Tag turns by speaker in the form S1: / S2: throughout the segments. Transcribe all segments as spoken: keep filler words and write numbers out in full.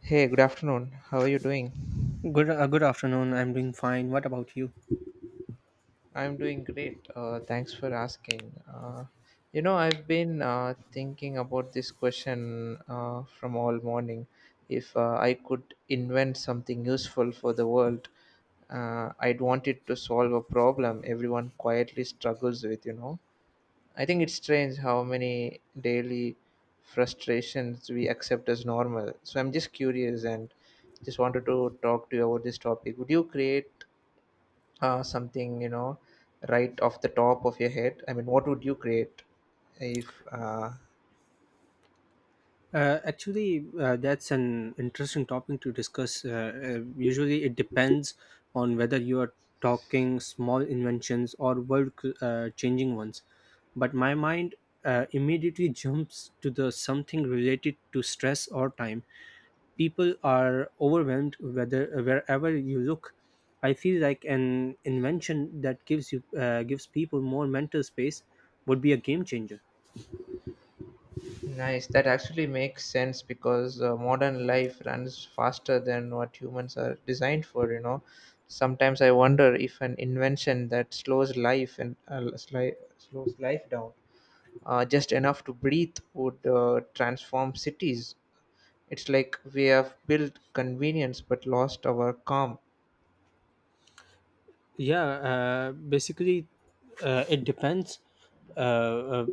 S1: Hey, good afternoon. How are you doing?
S2: Good, uh, good afternoon. I'm doing fine. What about you?
S1: I'm doing great. Uh, thanks for asking. Uh, you know, I've been uh, thinking about this question uh, from all morning. If uh, I could invent something useful for the world, uh, I'd want it to solve a problem everyone quietly struggles with, you know. I think it's strange how many daily frustrations we accept as normal. So I'm just curious and just wanted to talk to you about this topic. Would you create uh, something, you know right off the top of your head? I mean, what would you create if uh,
S2: Uh, actually, uh, that's an interesting topic to discuss. Uh, uh, usually, it depends on whether you are talking small inventions or world uh, changing ones. But my mind uh, immediately jumps to the something related to stress or time. People are overwhelmed whether wherever you look. I feel like an invention that gives you uh, gives people more mental space would be a game changer.
S1: Nice. That actually makes sense, because uh, modern life runs faster than what humans are designed for you know Sometimes I wonder if an invention that slows life and uh, sli- slows life down uh, just enough to breathe would uh, transform cities. It's like we have built convenience but lost our calm.
S2: Yeah, uh, basically, uh, it depends uh,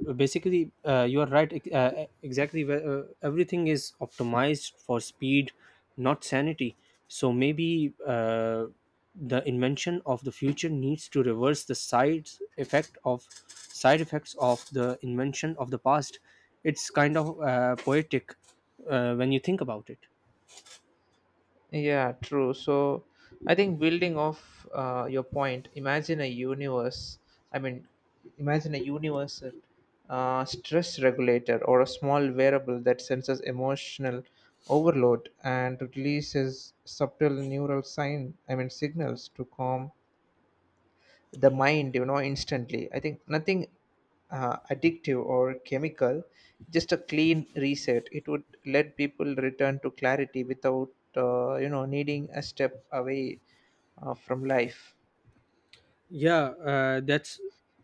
S2: uh, basically uh, you are right, ex- uh, uh, exactly where, uh, everything is optimized for speed, not sanity. So maybe uh, the invention of the future needs to reverse the side effect of side effects of the invention of the past. It's kind of uh, poetic uh, when you think about it.
S1: Yeah, true. So I think, building off uh, your point, imagine a universe. I mean, imagine a universal uh, stress regulator, or a small variable that senses emotional overload and releases subtle neural sign. I mean, signals to calm the mind, You know, instantly. I think nothing uh, addictive or chemical, just a clean reset. It would let people return to clarity without, uh, you know, needing a step away uh, from life.
S2: Yeah, uh, that's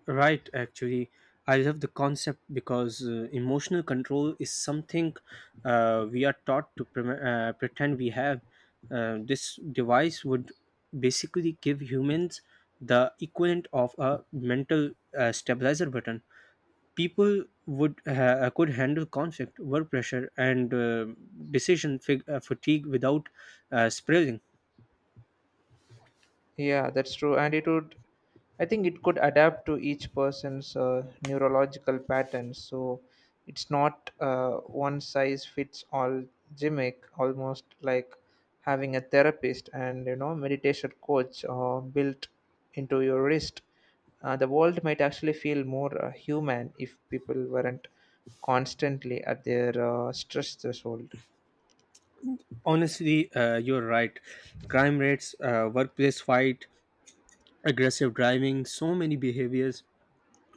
S2: right. Actually, I love the concept because uh, emotional control is something uh, we are taught to pre- uh, pretend we have. Uh, this device would basically give humans the equivalent of a mental uh, stabilizer button. People would uh, could handle conflict, work pressure, and uh, decision fig- uh, fatigue without uh, spiraling.
S1: Yeah, that's true. And it would, I think it could adapt to each person's uh, neurological patterns. So it's not uh, one size fits all gimmick, almost like having a therapist and, you know, meditation coach uh, built into your wrist. Uh, the world might actually feel more uh, human if people weren't constantly at their uh, stress threshold.
S2: Honestly, uh, you're right. Crime rates, uh, workplace fight, aggressive driving, so many behaviors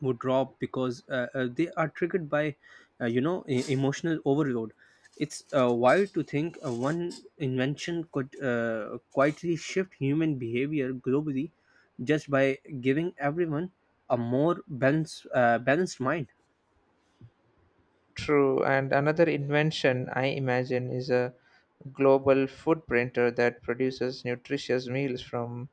S2: would drop because uh, uh, they are triggered by uh, you know e- emotional overload. It's uh, wild to think uh, one invention could uh, quietly shift human behavior globally, just by giving everyone a more balanced uh, balanced mind.
S1: True, and another invention I imagine is a global food printer that produces nutritious meals from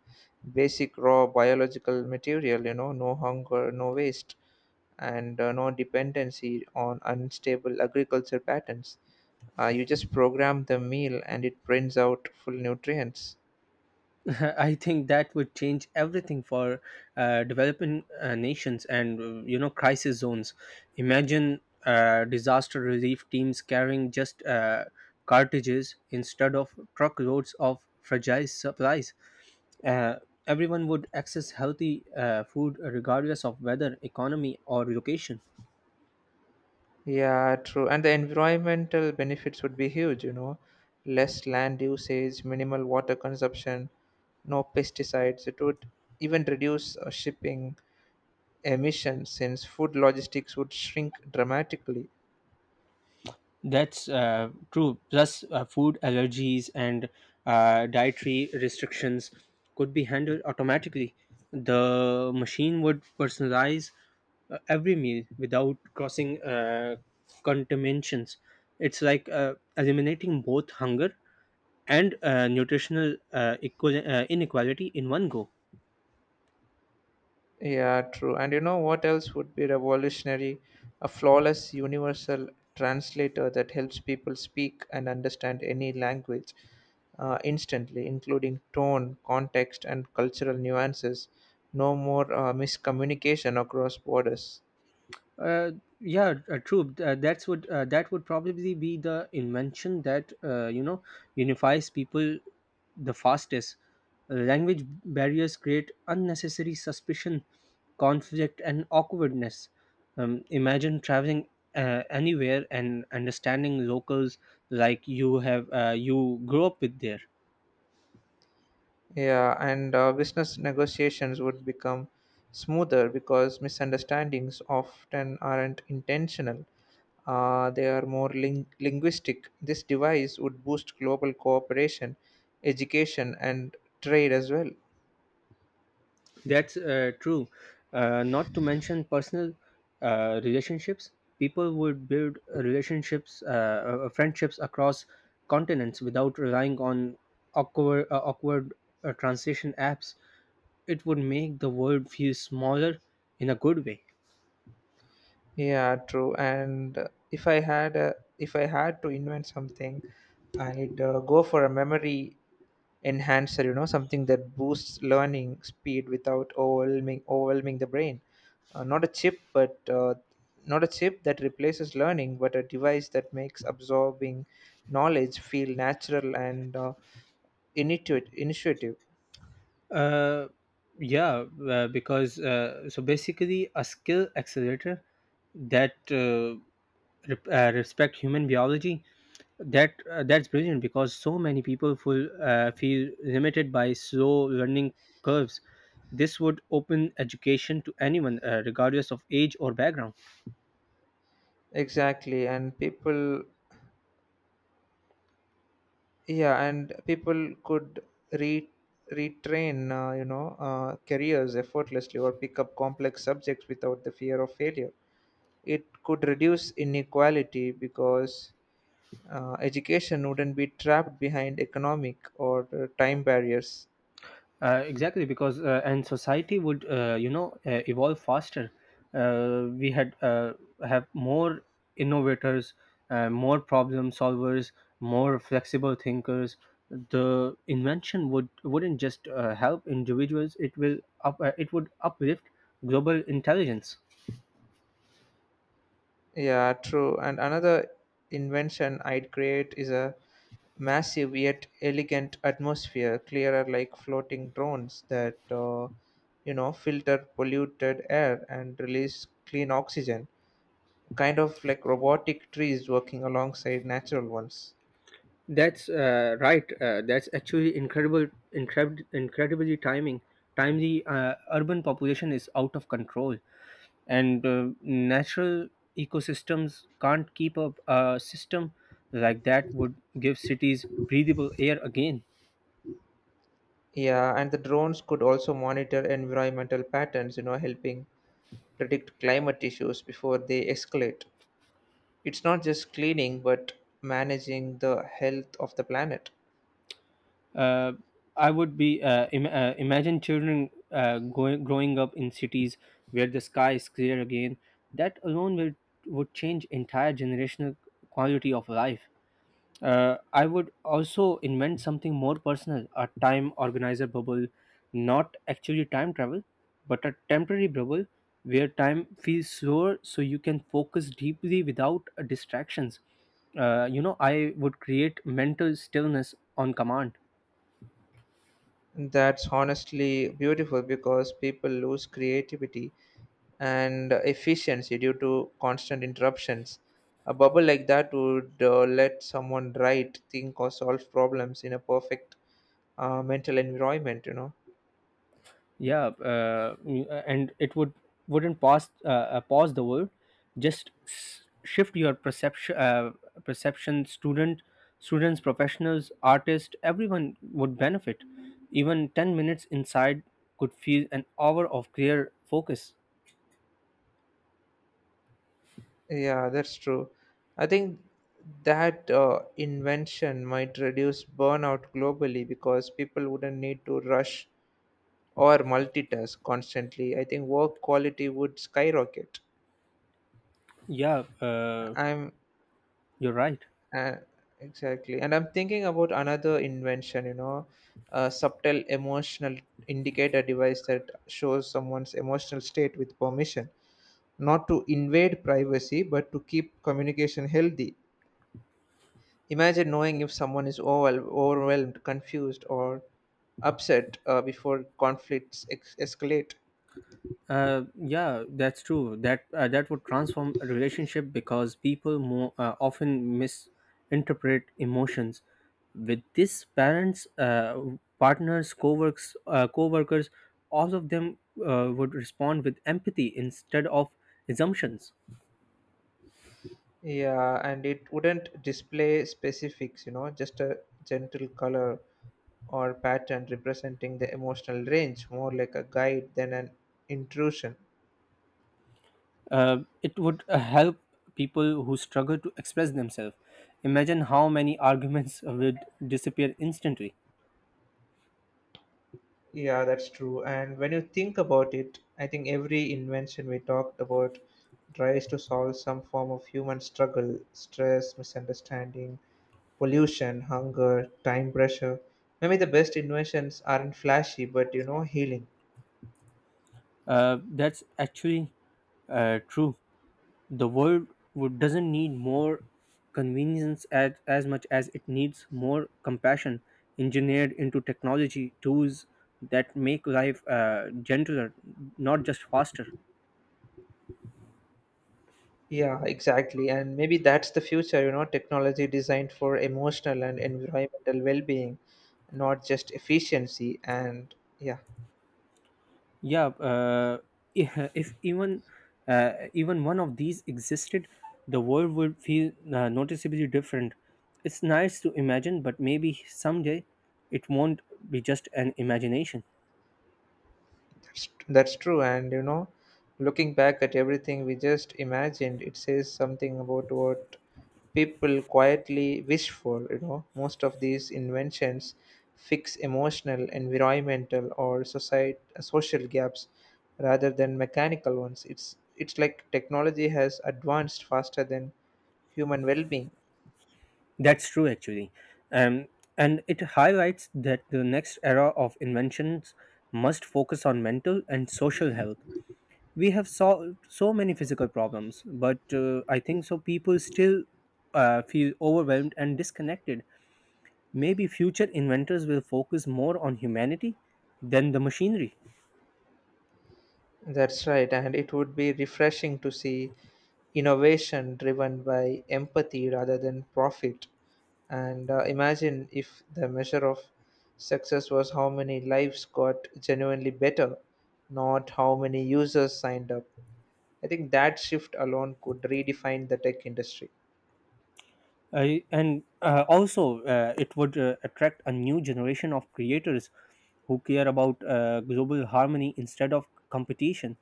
S1: basic raw biological material, you know no hunger, no waste, and uh, no dependency on unstable agriculture patterns. Uh, you just program the meal and it prints out full nutrients.
S2: I think that would change everything for uh, developing uh, nations and uh, you know crisis zones. Imagine uh, disaster relief teams carrying just uh, cartridges instead of truckloads of fragile supplies. Uh, Everyone would access healthy uh, food regardless of weather, economy, or location.
S1: Yeah, true, and the environmental benefits would be huge, you know less land usage, minimal water consumption, no pesticides. It would even reduce uh, shipping emissions, since food logistics would shrink dramatically.
S2: That's uh, true. Plus, uh, food allergies and uh, dietary restrictions could be handled automatically. The machine would personalize uh, every meal without crossing uh, contaminations. It's like uh, eliminating both hunger and uh, nutritional uh, equal, uh, inequality in one go.
S1: Yeah, true. And you know what else would be revolutionary? A flawless universal translator that helps people speak and understand any language uh, instantly, including tone, context, and cultural nuances. No more uh, miscommunication across borders.
S2: uh, yeah, uh, true. Uh, that's what uh, that would probably be the invention that uh, you know unifies people the fastest. Language barriers create unnecessary suspicion, conflict, and awkwardness. Um, imagine traveling uh, anywhere and understanding locals like you have uh, you grew up with there.
S1: Yeah, and uh, business negotiations would become smoother because misunderstandings often aren't intentional. Uh, they are more ling- linguistic. This device would boost global cooperation, education, and trade as well.
S2: That's uh, true. Uh, not to mention personal uh, relationships, people would build uh, relationships, uh, uh, uh, friendships across continents without relying on awkward, uh, awkward uh, translation apps. It would make the world feel smaller, in a good way.
S1: Yeah, true. And uh, if I had a, if I had to invent something, I'd uh, go for a memory enhancer. You know, something that boosts learning speed without overwhelming overwhelming the brain. Uh, not a chip, but uh, not a chip that replaces learning, but a device that makes absorbing knowledge feel natural and uh, initiative initiative.
S2: Uh, yeah, uh, because uh, so basically, a skill accelerator that uh, rep- uh, respect human biology. That uh, that's brilliant because so many people feel uh, feel limited by slow learning curves. This would open education to anyone uh, regardless of age or background.
S1: Exactly, and people, yeah, and people could re retrain uh, you know uh, careers effortlessly, or pick up complex subjects without the fear of failure. It could reduce inequality because uh, education wouldn't be trapped behind economic or uh, time barriers.
S2: Uh, exactly, because uh, and society would uh, you know uh, evolve faster. Uh, we had uh, have more innovators, uh, more problem solvers, more flexible thinkers. The invention would wouldn't just uh, help individuals; it will up, uh, it would uplift global intelligence.
S1: Yeah, true. And another invention I'd create is a massive yet elegant atmosphere clearer, like floating drones that uh, you know filter polluted air and release clean oxygen, kind of like robotic trees working alongside natural ones.
S2: That's uh, right. Uh, that's actually incredible, incred- incredibly timing. Timely, uh, urban population is out of control, and uh, natural ecosystems can't keep up. A system like that would give cities breathable air again.
S1: Yeah, and the drones could also monitor environmental patterns, you know, helping predict climate issues before they escalate. It's not just cleaning, but managing the health of the planet.
S2: Uh, I would be uh, Im- uh, Imagine children uh, going growing up in cities where the sky is clear again. That alone will would change entire generational quality of life. Uh, I would also invent something more personal, a time organizer bubble, not actually time travel, but a temporary bubble where time feels slower so you can focus deeply without uh, distractions. Uh, you know, I would create mental stillness on command.
S1: That's honestly beautiful, because people lose creativity and efficiency due to constant interruptions. A bubble like that would uh, let someone write, think, or solve problems in a perfect uh, mental environment, you know.
S2: Yeah, uh, mm, uh, and it would wouldn't pause uh, uh, pause the world, just s- shift your perception uh, perception. Student students, professionals, artists, everyone would benefit. Even ten minutes inside could feel an hour of clear focus.
S1: Yeah, that's true. I think that uh, invention might reduce burnout globally, because people wouldn't need to rush or multitask constantly. I think work quality would skyrocket.
S2: Yeah, uh,
S1: I'm
S2: you're right.
S1: And exactly. And I'm thinking about another invention, you know, a subtle emotional indicator device that shows someone's emotional state with permission, not to invade privacy, but to keep communication healthy. Imagine knowing if someone is overwhel- overwhelmed, confused, or upset uh, before conflicts ex- escalate.
S2: Uh, yeah, that's true. That uh, that would transform a relationship because people more uh, often misinterpret emotions. With this, parents, uh, partners, co-works, uh, co-workers, all of them uh, would respond with empathy instead of assumptions.
S1: Yeah, and it wouldn't display specifics, you know, just a gentle color or pattern representing the emotional range, more like a guide than an intrusion.
S2: Uh, it would uh, help people who struggle to express themselves. Imagine how many arguments would disappear instantly.
S1: Yeah, that's true. And when you think about it, I think every invention we talked about tries to solve some form of human struggle: stress, misunderstanding, pollution, hunger, time pressure. Maybe the best inventions aren't flashy, but, you know, healing.
S2: Uh, that's actually uh, true. The world would, doesn't need more convenience as, as much as it needs more compassion engineered into technology tools that make life uh, gentler, not just faster.
S1: Yeah, exactly. And maybe that's the future, you know, technology designed for emotional and environmental well being, not just efficiency. And yeah.
S2: Yeah, uh, if if even uh, even one of these existed, the world would feel uh, noticeably different. It's nice to imagine, but maybe someday it won't be just an imagination.
S1: That's true, and, you know, looking back at everything we just imagined, it says something about what people quietly wish for. You know, most of these inventions fix emotional, environmental, or society social gaps rather than mechanical ones. It's it's like technology has advanced faster than human well-being.
S2: That's true, actually. Um, and it highlights that the next era of inventions must focus on mental and social health. We have solved so many physical problems, but uh, I think so people still uh, feel overwhelmed and disconnected. Maybe future inventors will focus more on humanity than the machinery.
S1: That's right, and it would be refreshing to see innovation driven by empathy rather than profit. And uh, imagine if the measure of success was how many lives got genuinely better, not how many users signed up. I think that shift alone could redefine the tech industry.
S2: I And uh, also, uh, it would uh, attract a new generation of creators who care about uh, global harmony instead of competition.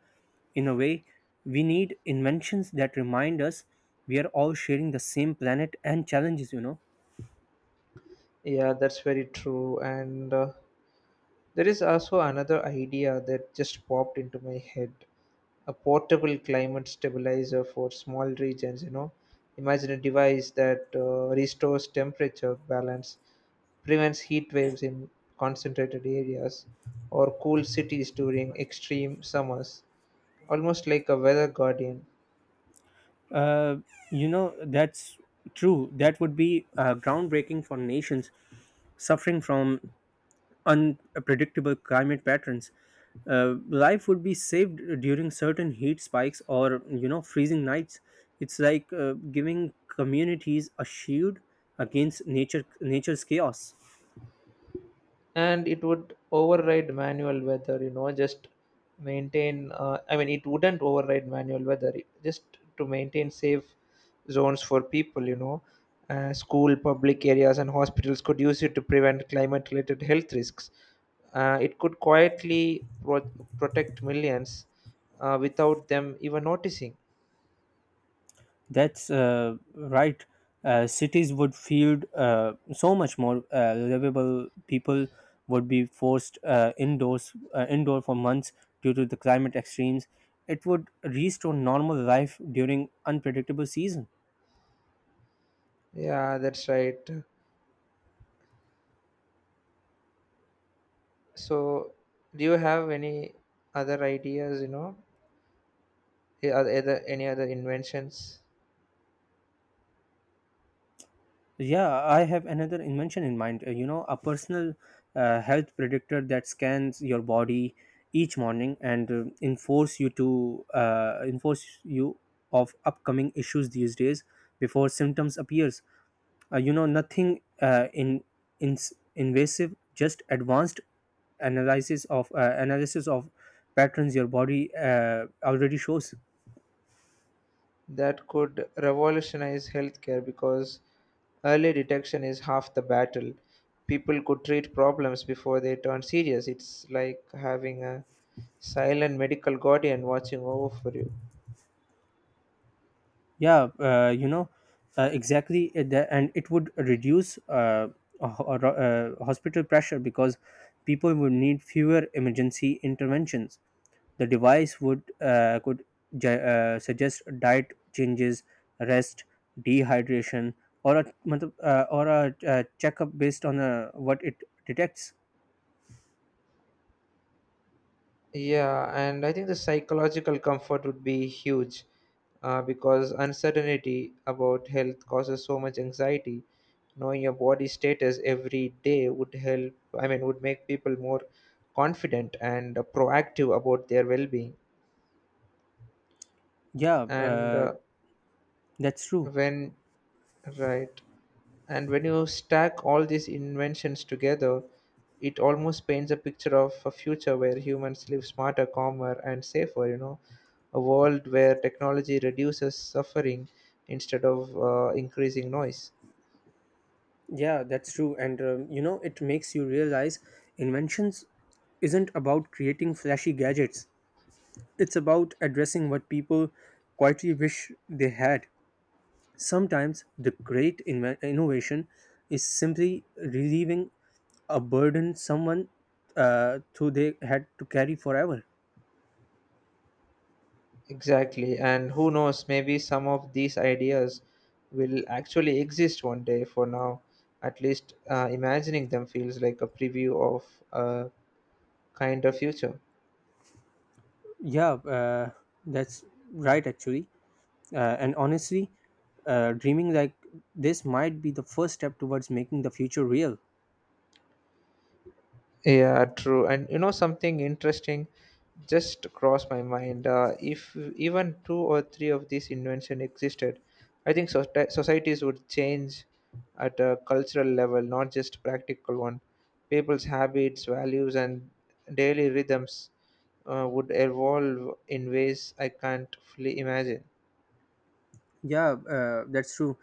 S2: In a way, we need inventions that remind us we are all sharing the same planet and challenges, you know.
S1: Yeah, that's very true. And uh, there is also another idea that just popped into my head, a portable climate stabilizer for small regions, you know. Imagine a device that uh, restores temperature balance, prevents heat waves in concentrated areas, or cools cities during extreme summers, almost like a weather guardian.
S2: Uh, you know, that's true. That would be uh, groundbreaking for nations suffering from unpredictable climate patterns. Uh, life would be saved during certain heat spikes or you know freezing nights. It's like uh, giving communities a shield against nature nature's chaos.
S1: And it would override manual weather, you know, just maintain, uh, I mean, it wouldn't override manual weather, it- just to maintain safe zones for people, you know. Uh, school, public areas, and hospitals could use it to prevent climate related health risks. Uh, it could quietly pro- protect millions uh, without them even noticing.
S2: That's uh, right. Uh, cities would feel uh, so much more uh, livable. People would be forced uh, indoors uh, indoor for months due to the climate extremes. It would restore normal life during unpredictable season.
S1: Yeah, that's right. So do you have any other ideas, you know, a- other any other inventions
S2: Yeah, I have another invention in mind. Uh, You know, a personal uh, health predictor that scans your body each morning and uh, enforce you to uh, enforce you of upcoming issues these days before symptoms appears. Uh, you know nothing uh, in, in invasive, just advanced analysis of uh, analysis of patterns your body uh, already shows.
S1: that could revolutionize healthcare, because early detection is half the battle. People could treat problems before they turn serious. It's like having a silent medical guardian watching over for you.
S2: Yeah, uh, you know uh, exactly. Uh, the- and it would reduce uh, a ho- uh, hospital pressure because people would need fewer emergency interventions. The device would uh, could ju- uh, suggest diet changes, rest, dehydration, or a matlab, uh, or a uh, checkup based on uh, what it detects.
S1: Yeah, and I think the psychological comfort would be huge, uh, because uncertainty about health causes so much anxiety. Knowing your body status every day would help, I mean, would make people more confident and proactive about their well being.
S2: Yeah,
S1: And
S2: uh,
S1: uh,
S2: that's true.
S1: when right. And when you stack all these inventions together, it almost paints a picture of a future where humans live smarter, calmer, and safer, you know, a world where technology reduces suffering instead of uh, increasing noise.
S2: Yeah, that's true. And um, you know, it makes you realize inventions isn't about creating flashy gadgets, it's about addressing what people quietly wish they had. Sometimes the great inven- innovation is simply relieving a burden someone uh, who they had to carry forever.
S1: Exactly, and who knows, maybe some of these ideas will actually exist one day. For now, at least, uh, imagining them feels like a preview of a kinder future.
S2: Yeah, uh, that's right, actually. Uh, and honestly, uh, dreaming like this might be the first step towards making the future real.
S1: Yeah, true. And you know something interesting just crossed my mind. Uh, if even two or three of these invention existed, I think soci- societies would change at a cultural level, not just practical one. People's habits, values, and daily rhythms uh, would evolve in ways I can't fully imagine.
S2: Yeah, uh, that's true.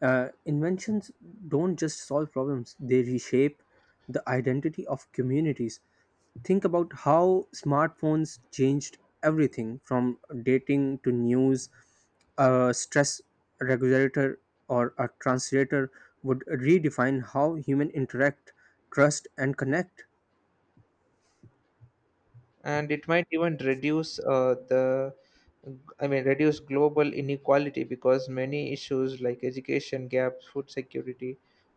S2: Uh, inventions don't just solve problems, they reshape the identity of communities. Think about how smartphones changed everything from dating to news. A stress regulator or a translator would redefine how human interact, trust, and connect.
S1: And it might even reduce uh, the I mean reduce global inequality, because many issues like education gaps, food security,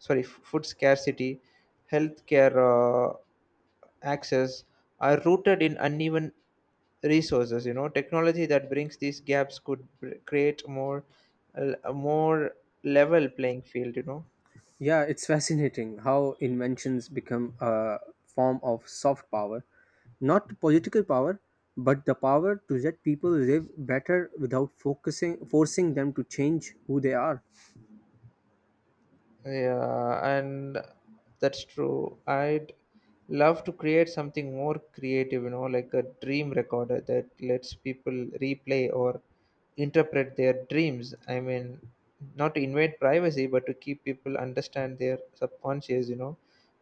S1: sorry, f- food scarcity, healthcare uh, access, are rooted in uneven resources, you know. Technology that brings these gaps could br- create more a more level playing field, you know.
S2: Yeah, it's fascinating how inventions become a form of soft power, not political power, but the power to let people live better without focusing forcing them to change who they are.
S1: Yeah, and that's true. I'd love to create something more creative, you know, like a dream recorder that lets people replay or interpret their dreams. I mean, not to invade privacy, but to keep people understand their subconscious, you know.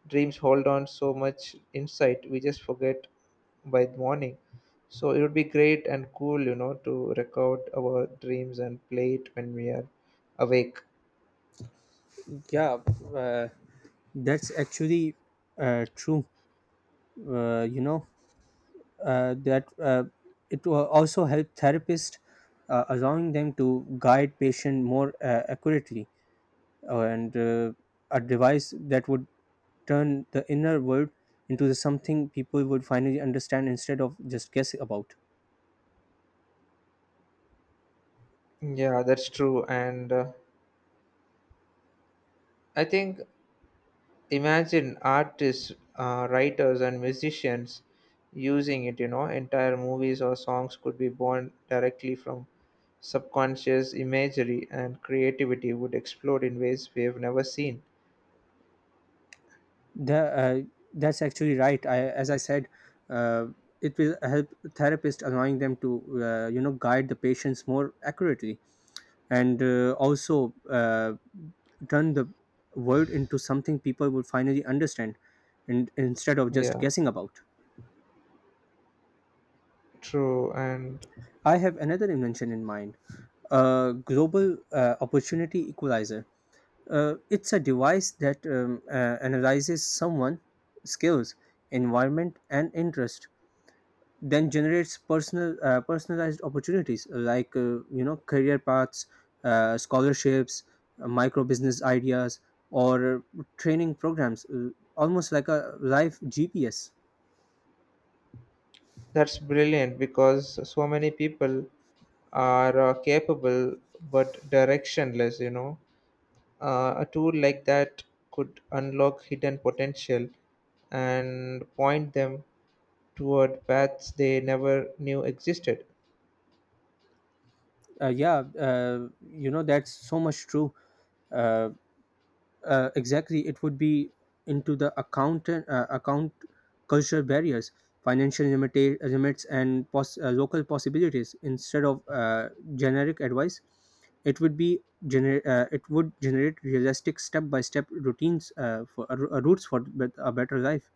S1: Dreams hold on so much insight, we just forget by the morning. So it would be great and cool, you know, to record our dreams and play it when we are awake.
S2: Yeah, uh, that's actually uh, true. Uh, you know uh, that uh, It will also help therapists, uh, allowing them to guide patient more uh, accurately, uh, and uh, a device that would turn the inner world into the something people would finally understand instead of just guess about.
S1: Yeah, that's true. And uh, I think, imagine artists, uh, writers, and musicians using it, you know, entire movies or songs could be born directly from subconscious imagery, and creativity would explode in ways we have never seen.
S2: The, uh, that's actually right. I, as I said, uh, it will help therapists allowing them to uh, you know guide the patients more accurately, and uh, also uh, turn the world into something people would finally understand and instead of just
S1: Yeah,
S2: guessing about.
S1: true. And
S2: I have another invention in mind, a global uh, opportunity equalizer. Uh, it's a device that um, uh, analyzes someone's skills, environment, and interest, then generates personal uh, personalized opportunities like uh, you know career paths, uh, scholarships, uh, micro business ideas, or uh, training programs, uh, almost like a live G P S.
S1: that's brilliant because so many people are uh, capable but directionless, you know. Uh, a tool like that could unlock hidden potential and point them toward paths they never knew existed.
S2: Uh, yeah, uh, you know that's so much true. Uh, uh, exactly, it would be into the account. Uh, account cultural barriers, financial limita- limits, and pos- uh, local possibilities instead of uh, generic advice. It would be gener- uh, it would generate realistic step by step routines, uh, for uh, ro- uh, routes for bet- a better life.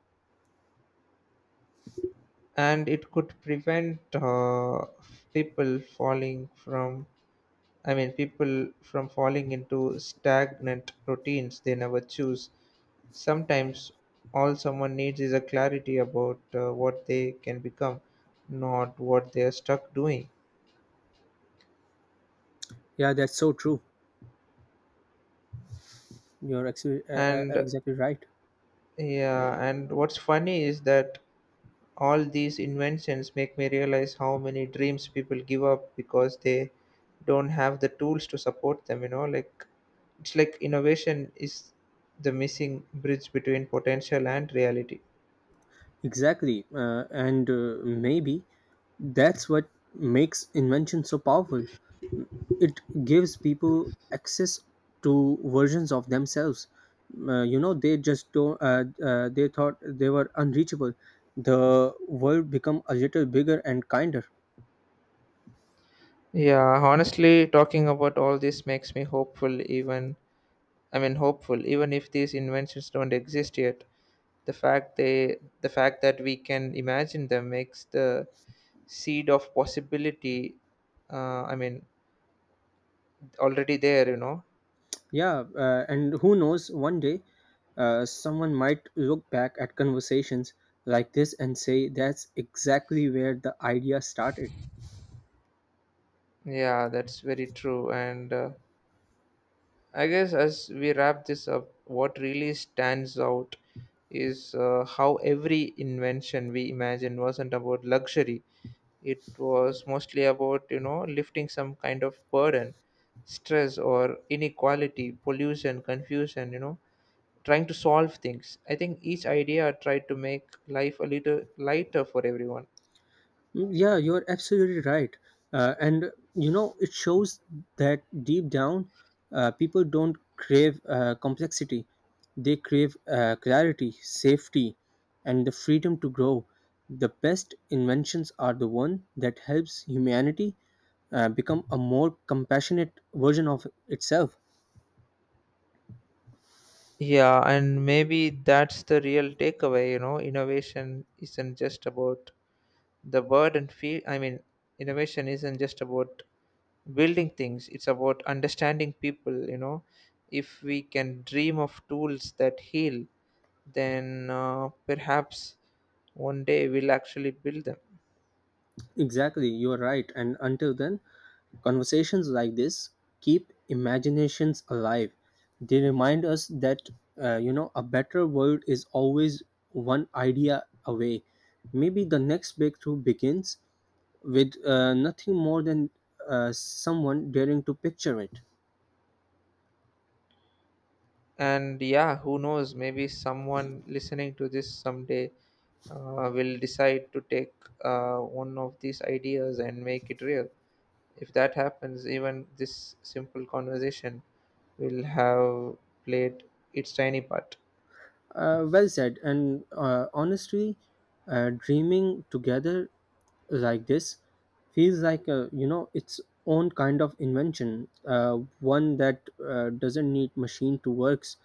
S1: And it could prevent uh, people falling from, I mean, people from falling into stagnant routines they never choose. Sometimes all someone needs is a clarity about uh, what they can become, not what they are stuck doing.
S2: Yeah, that's so true. You're actually uh, uh,
S1: And
S2: uh, exactly right.
S1: yeah, and what's funny is that all these inventions make me realize how many dreams people give up because they don't have the tools to support them, you know. Like it's like innovation is the missing bridge between potential and reality.
S2: Exactly, uh, and uh, maybe that's what makes invention so powerful. It gives people access to versions of themselves uh, you know they just don't uh, uh, they thought they were unreachable. The world become a little bigger and kinder.
S1: Yeah, honestly, talking about all this makes me hopeful, even, I mean, hopeful, even if these inventions don't exist yet. The fact they the fact that we can imagine them makes the seed of possibility uh, I mean already there, you know.
S2: Yeah, uh, and who knows, one day, uh, someone might look back at conversations like this and say, that's exactly where the idea started.
S1: Yeah, that's very true. And uh, I guess as we wrap this up, what really stands out is uh, how every invention we imagined wasn't about luxury. It was mostly about, you know, lifting some kind of burden, stress or inequality, pollution, confusion, you know, trying to solve things. I think each idea tried to make life a little lighter for everyone.
S2: Mm. Yeah, you're absolutely right. Uh, and you know, it shows that deep down, uh, people don't crave uh, complexity. They crave uh, clarity, safety, and the freedom to grow. The best inventions are the one that helps humanity uh, become a more compassionate version of itself.
S1: Yeah, and maybe that's the real takeaway, you know, innovation isn't just about the word and feel I mean, innovation isn't just about building things, it's about understanding people, you know. If we can dream of tools that heal, then uh, perhaps one day we'll actually build them.
S2: Exactly, you're right. And until then, conversations like this keep imaginations alive. They remind us that, uh, you know, a better world is always one idea away. Maybe the next breakthrough begins with uh, nothing more than uh, someone daring to picture it.
S1: And yeah, who knows, maybe someone listening to this someday uh, will decide to take uh, one of these ideas and make it real. If that happens, even this simple conversation will have played its tiny part.
S2: Uh, well said. And uh, honestly, uh, dreaming together like this feels like a, you know its own kind of invention, uh, one that uh, doesn't need machine to works.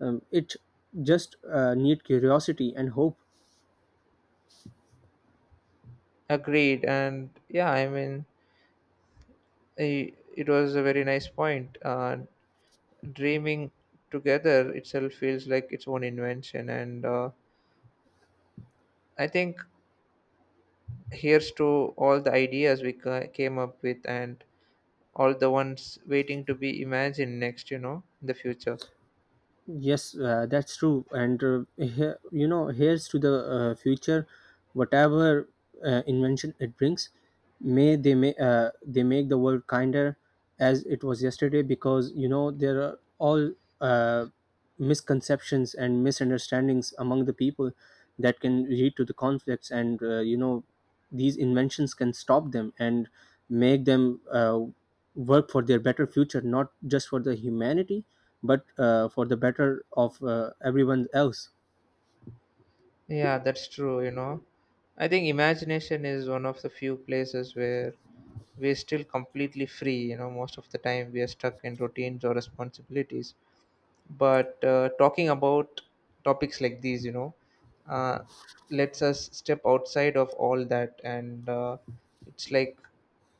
S2: Um, it just uh, need curiosity and hope.
S1: Agreed. And yeah, I mean, i- it was a very nice point. Uh, dreaming together itself feels like its own invention. And uh, I think here's to all the ideas we ca- came up with and all the ones waiting to be imagined next, you know, in the future.
S2: Yes, uh, that's true. And uh, he- you know, here's to the uh, future. Whatever uh, invention it brings, may they may uh, they make the world kinder as it was yesterday. Because you know there are all uh, misconceptions and misunderstandings among the people that can lead to the conflicts. And uh, you know, these inventions can stop them and make them. Uh, work for their better future, not just for the humanity but uh, for the better of uh, everyone else.
S1: Yeah, that's true, you know. I think imagination is one of the few places where we're still completely free. You know, most of the time we are stuck in routines or responsibilities, but uh, talking about topics like these, you know, uh, lets us step outside of all that. And uh, it's like,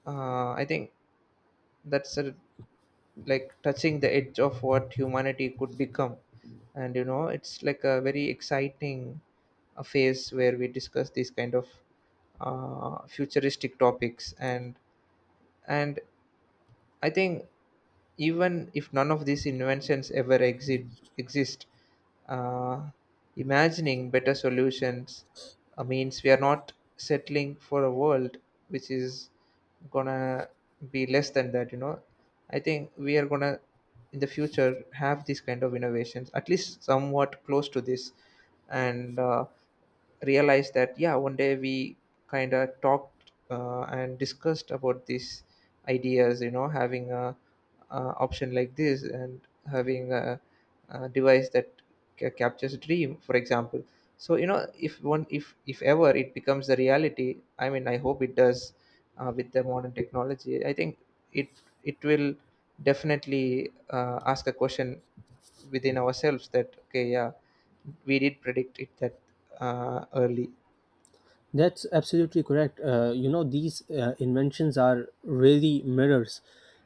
S1: uh, I think that's a, like touching the edge of what humanity could become. And you know, it's like a very exciting uh, phase where we discuss these kind of uh, futuristic topics. And and I think even if none of these inventions ever exit, exist, uh, imagining better solutions uh, means we are not settling for a world which is gonna be less than that, you know. I think we are gonna in the future have these kind of innovations at least somewhat close to this. And uh, realize that yeah, one day we kind of talked uh, and discussed about these ideas, you know, having a uh, option like this, and having a, a device that ca- captures a dream, for example. So you know, if one if if ever it becomes a reality, I mean I hope it does. Uh, with the modern technology, I think it it will definitely uh, ask a question within ourselves that okay, yeah, we did predict it that uh, early.
S2: That's absolutely correct. Uh, you know these uh, inventions are really mirrors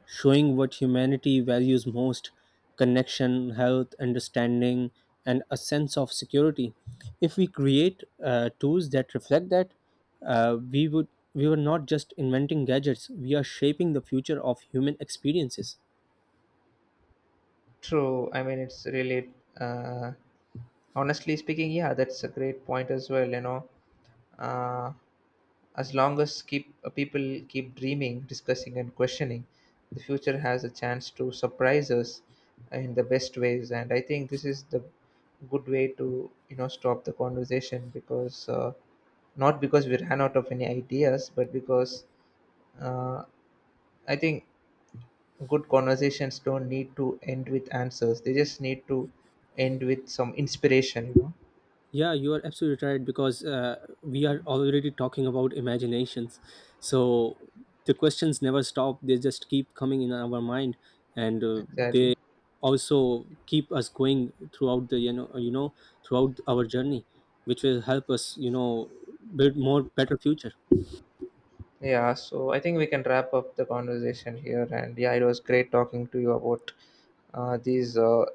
S2: showing what humanity values most: connection, health, understanding, and a sense of security. If we create uh, tools that reflect that, uh, we would we were not just inventing gadgets, we are shaping the future of human experiences.
S1: True, I mean it's really uh, honestly speaking, yeah, that's a great point as well, you know. Uh, as long as keep uh, people keep dreaming, discussing, and questioning, the future has a chance to surprise us in the best ways. And I think this is the good way to, you know, stop the conversation, because uh, not because we ran out of any ideas, but because uh, I think good conversations don't need to end with answers. They just need to end with some inspiration. You know.
S2: Yeah, you are absolutely right because uh, we are already talking about imaginations. So the questions never stop, they just keep coming in our mind, and uh,
S1: Exactly.
S2: they also keep us going throughout the you know you know throughout our journey, which will help us you know build more better future.
S1: Yeah, so I think we can wrap up the conversation here. And yeah, it was great talking to you about uh, these uh,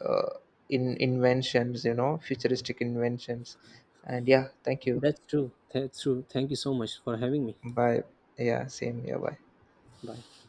S1: uh, in inventions, you know, futuristic inventions. And yeah, thank you.
S2: That's true, that's true. Thank you so much for having me.
S1: Bye. Yeah, same. Yeah, bye.
S2: Bye.